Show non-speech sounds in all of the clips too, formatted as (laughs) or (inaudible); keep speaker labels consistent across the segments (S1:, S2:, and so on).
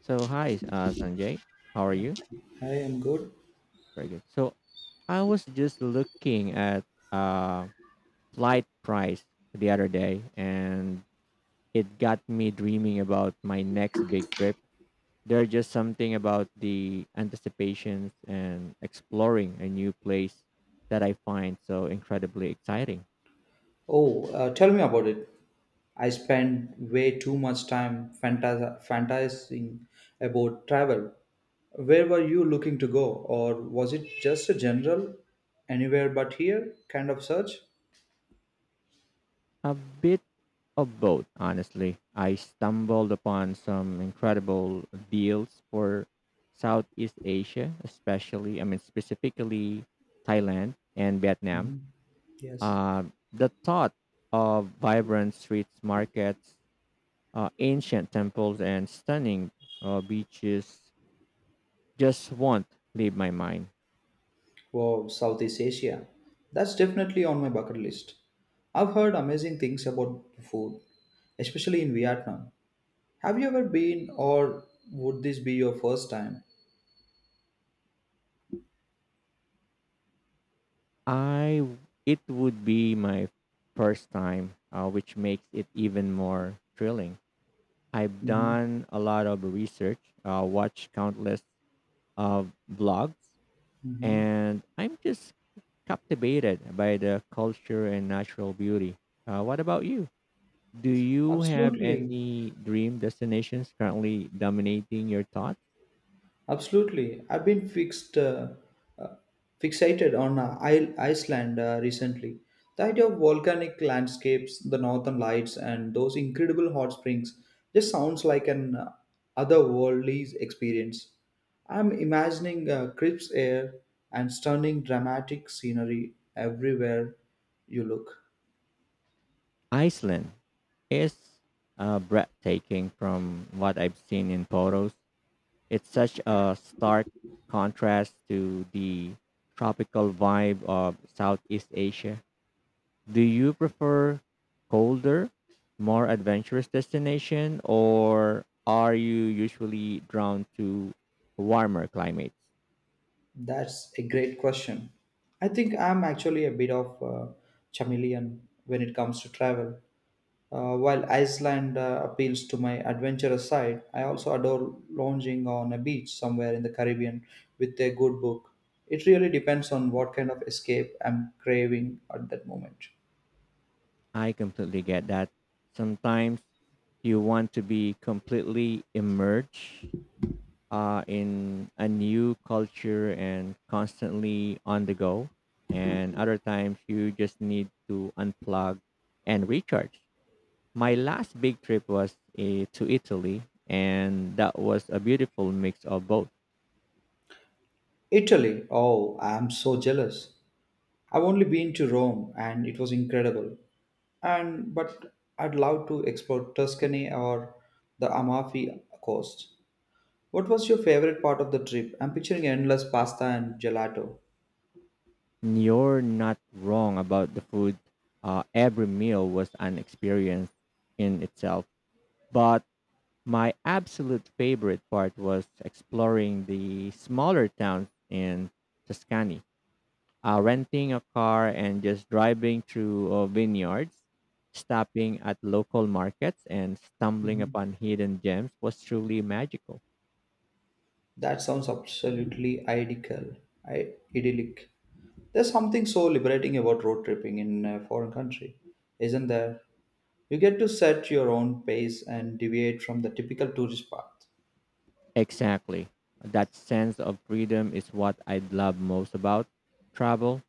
S1: So hi, Sanjay. How are you?
S2: I am good.
S1: Very good. So I was just looking at uh flight price the other day, and it got me dreaming about my next big trip. There's just something about the anticipations and exploring a new place that I find so incredibly exciting.
S2: Oh, tell me about it. I spend way too much time fantasizing about travel. Where were you looking to go, or was it just a general anywhere but here kind of search?
S1: A bit of both, honestly. I stumbled upon some incredible deals for Southeast Asia, especially, specifically Thailand and Vietnam.
S2: Mhm. Yes.
S1: Uh, the thought of vibrant streets, markets, ancient temples, and stunning beaches just won't leave my mind.
S2: Wow, Southeast Asia. That's definitely on my bucket list. I've heard amazing things about the food, especially in Vietnam. Have you ever been, or would this be your first time?
S1: I It would be my first time, which makes it even more thrilling. I've
S2: Mhm.
S1: done a lot of research, watched countless of blogs,
S2: Mhm.
S1: and I'm just captivated by the culture and natural beauty. What about you? Do you have
S2: Absolutely,
S1: any dream destinations currently dominating your thoughts?
S2: absolutely. Uh, Fixated on Iceland recently. The idea of volcanic landscapes, the northern lights, and those incredible hot springs just sounds like an otherworldly experience. I'm imagining crisp air and stunning dramatic scenery everywhere you look.
S1: Iceland is breathtaking from what I've seen in photos. It's such a stark contrast to the tropical vibe of Southeast Asia. Do you prefer colder, more adventurous destination or are you usually drawn to warmer climates?
S2: That's a great question. I think I'm actually a bit of a chameleon when it comes to travel. While Iceland appeals to my adventurous side, I also adore lounging on a beach somewhere in the Caribbean with a good book. It really depends on what kind of escape I'm craving at that moment.
S1: I completely get that. Sometimes you want to be completely immersed in a new culture and constantly on the go. And other times you just need to unplug and recharge. My last big trip was to Italy, and that was a beautiful mix of both.
S2: Italy, oh, I'm so jealous. I've only been to Rome and it was incredible. And but I'd love to explore Tuscany or the Amalfi Coast. What was your favorite part of the trip? I'm picturing endless pasta and gelato.
S1: You're not wrong about the food. Every meal was an experience in itself. But my absolute favorite part was exploring the smaller towns in Tuscany, renting a car and just driving through vineyards, stopping at local markets, and stumbling
S2: Mhm.
S1: upon hidden gems was truly magical.
S2: That sounds absolutely idyllic. There's something so liberating about road tripping in a foreign country, isn't there? You get to set your own pace and deviate from the typical tourist path.
S1: Exactly. That sense of freedom is what I love most about travel.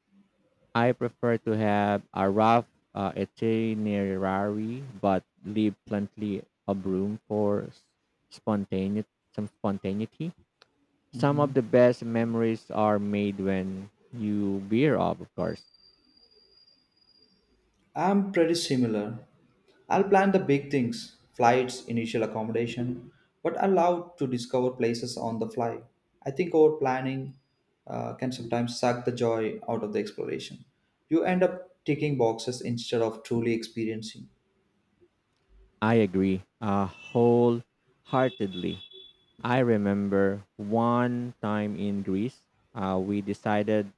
S1: I prefer to have a rough itinerary, but leave plenty of room for spontaneity. Spontaneity. Some
S2: Mhm.
S1: of the best memories are made when you veer off, of course.
S2: I'm pretty similar. I'll plan the big things, flights, initial accommodation, but allowed to discover places on the fly. I think over planning can sometimes suck the joy out of the exploration. You end up ticking boxes instead of truly experiencing.
S1: I agree wholeheartedly. I remember one time in Greece, we decided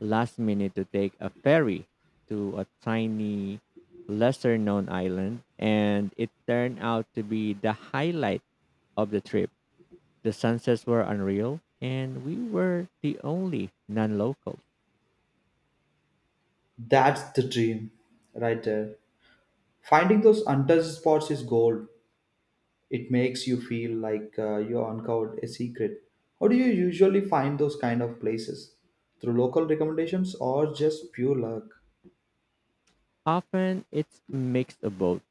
S1: last minute to take a ferry to a tiny, lesser known island, and it turned out to be the highlight of the trip. The sunsets were unreal, and we were the only non locals.
S2: That's the dream, right there. Finding those untouched spots is gold. It makes you feel like you uncovered a secret. How do you usually find those kind of places? Through local recommendations or just pure luck?
S1: Often it's a mix of both.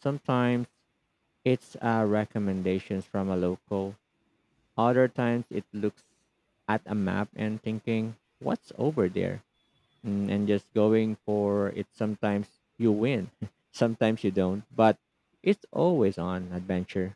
S1: Sometimes it's recommendations from a local, other times it looks at a map and thinking, what's over there? And just going for it. Sometimes you win, (laughs) sometimes you don't, but it's always on adventure.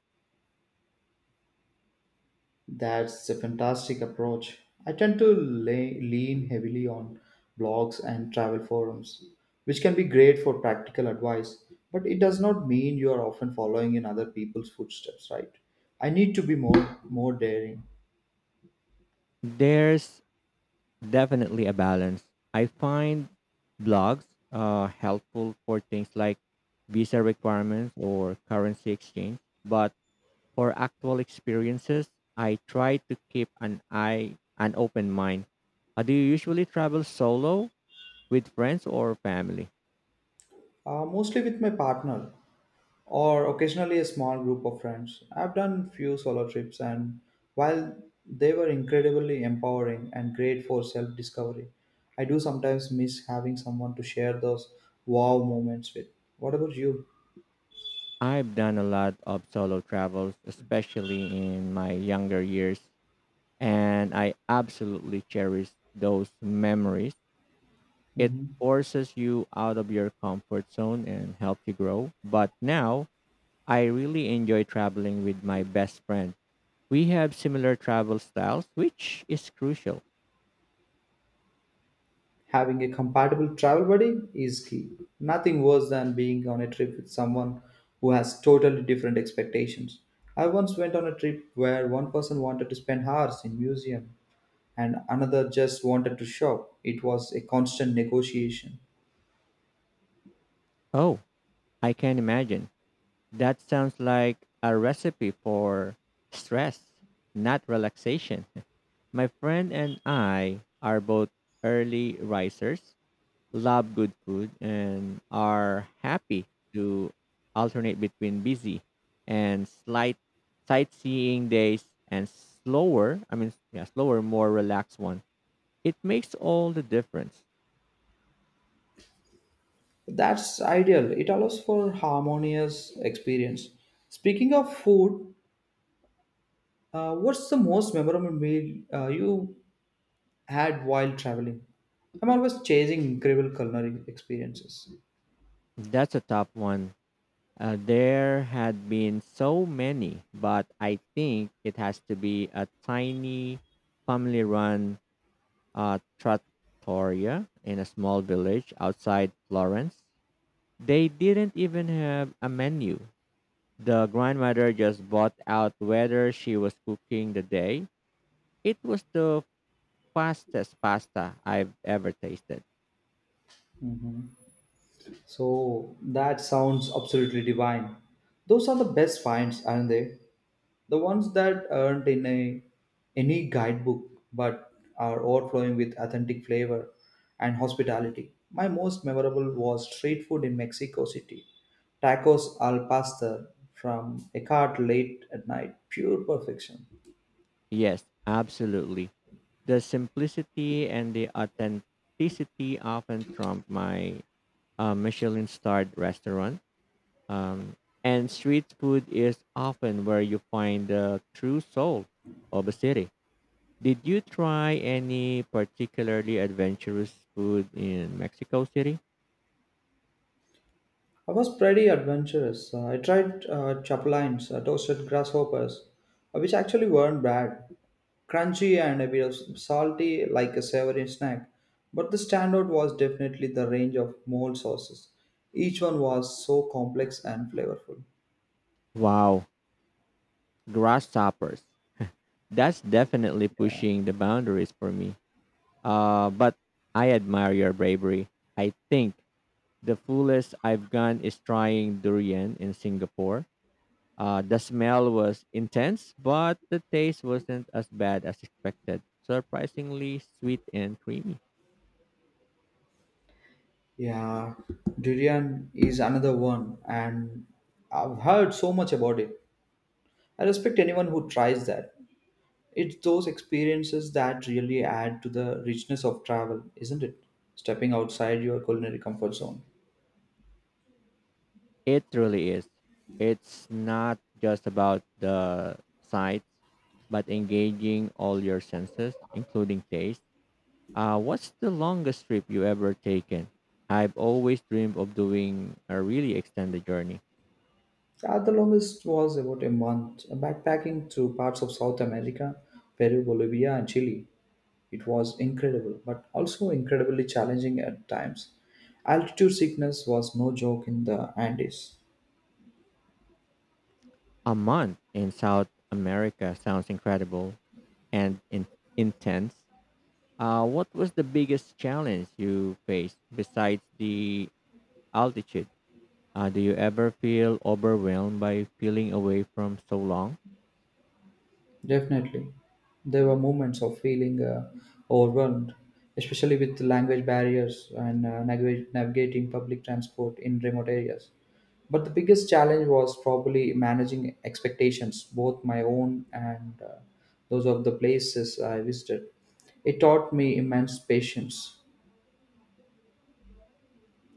S2: That's a fantastic approach. I tend to lean heavily on blogs and travel forums, which can be great for practical advice, but it does not mean you are often following in other people's footsteps, right? I need to be more daring,
S1: There's definitely a balance. I find blogs helpful for things like visa requirements or currency exchange, but for actual experiences, I try to keep an open mind. Do you usually travel solo with friends or family?
S2: mostly with my partner, or occasionally a small group of friends. I've done few solo trips and while they were incredibly empowering and great for self-discovery, I do sometimes miss having someone to share those wow moments with. What about you?
S1: I've done a lot of solo travels, especially in my younger years, and I absolutely cherish those memories. It
S2: Hmm.
S1: forces you out of your comfort zone and helps you grow. But now, I really enjoy traveling with my best friend. We have similar travel styles, which is crucial.
S2: Having a compatible travel buddy is key. Nothing worse than being on a trip with someone who has totally different expectations. I once went on a trip where one person wanted to spend hours in museum and another just wanted to shop. It was a constant negotiation.
S1: Oh, I can imagine. That sounds like a recipe for stress, not relaxation. (laughs) My friend and I are both early risers, love good food, and are happy to alternate between busy and slight sightseeing days and slower, I mean, yeah, slower, more relaxed one. It makes all the difference.
S2: That's ideal. It allows for harmonious experience. Speaking of food, what's the most memorable meal you had while traveling? I'm always chasing incredible culinary experiences.
S1: That's a top one. There had been so many, but I think it has to be a tiny family run trattoria in a small village outside Florence. They didn't even have a menu. The grandmother just bought out whether she was cooking the day. It was the fastest pasta I've ever tasted.
S2: Mhm. So that sounds absolutely divine. Those are the best finds, aren't they? The ones that aren't in a any guidebook but are overflowing with authentic flavor and hospitality. My most memorable was street food in Mexico City. Tacos al pastor from a cart late at night, pure perfection.
S1: Yes, absolutely. The simplicity and the authenticity often trump my Michelin starred restaurant. Um, and street food is often where you find the true soul of a city. Did you try any particularly adventurous food in Mexico City?
S2: I was pretty adventurous. I tried chapulines, toasted grasshoppers, which actually weren't bad. Crunchy and a bit of salty, like a savory snack. But the standout was definitely the range of mole sauces. Each one was so complex and flavorful.
S1: Wow, grasshoppers. That's definitely pushing the boundaries for me. But I admire your bravery. I think the fullest I've gone is trying durian in Singapore. The smell was intense, but the taste wasn't as bad as expected. Surprisingly sweet and creamy.
S2: Yeah, durian is another one, and I've heard so much about it. I respect anyone who tries that. It's those experiences that really add to the richness of travel, isn't it? Stepping outside your culinary comfort zone.
S1: It truly is. It's not just about the sights, but engaging all your senses, including taste. What's the longest trip you ever taken? I've always dreamed of doing a really extended journey.
S2: At the longest was about a month, backpacking through parts of South America, Peru, Bolivia, and Chile. It was incredible, but also incredibly challenging at times. Altitude sickness was no joke in the Andes.
S1: A month in South America sounds incredible and intense. What was the biggest challenge you faced besides the altitude? Do you ever feel overwhelmed by feeling away from so long?
S2: Definitely. There were moments of feeling overwhelmed, especially with language barriers and navigating public transport in remote areas. But the biggest challenge was probably managing expectations, both my own and those of the places I visited. It taught me immense patience.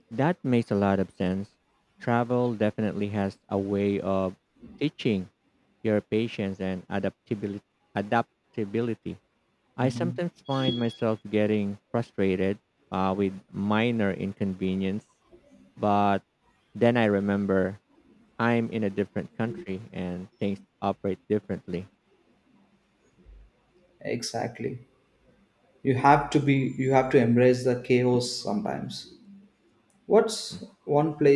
S1: That makes a lot of sense. Travel definitely has a way of teaching your patience and adaptability. Adaptability. I
S2: Mhm.
S1: sometimes find myself getting frustrated with minor inconvenience, but then I remember I'm in a different country and things operate differently.
S2: Exactly. You have to embrace the chaos sometimes. What's one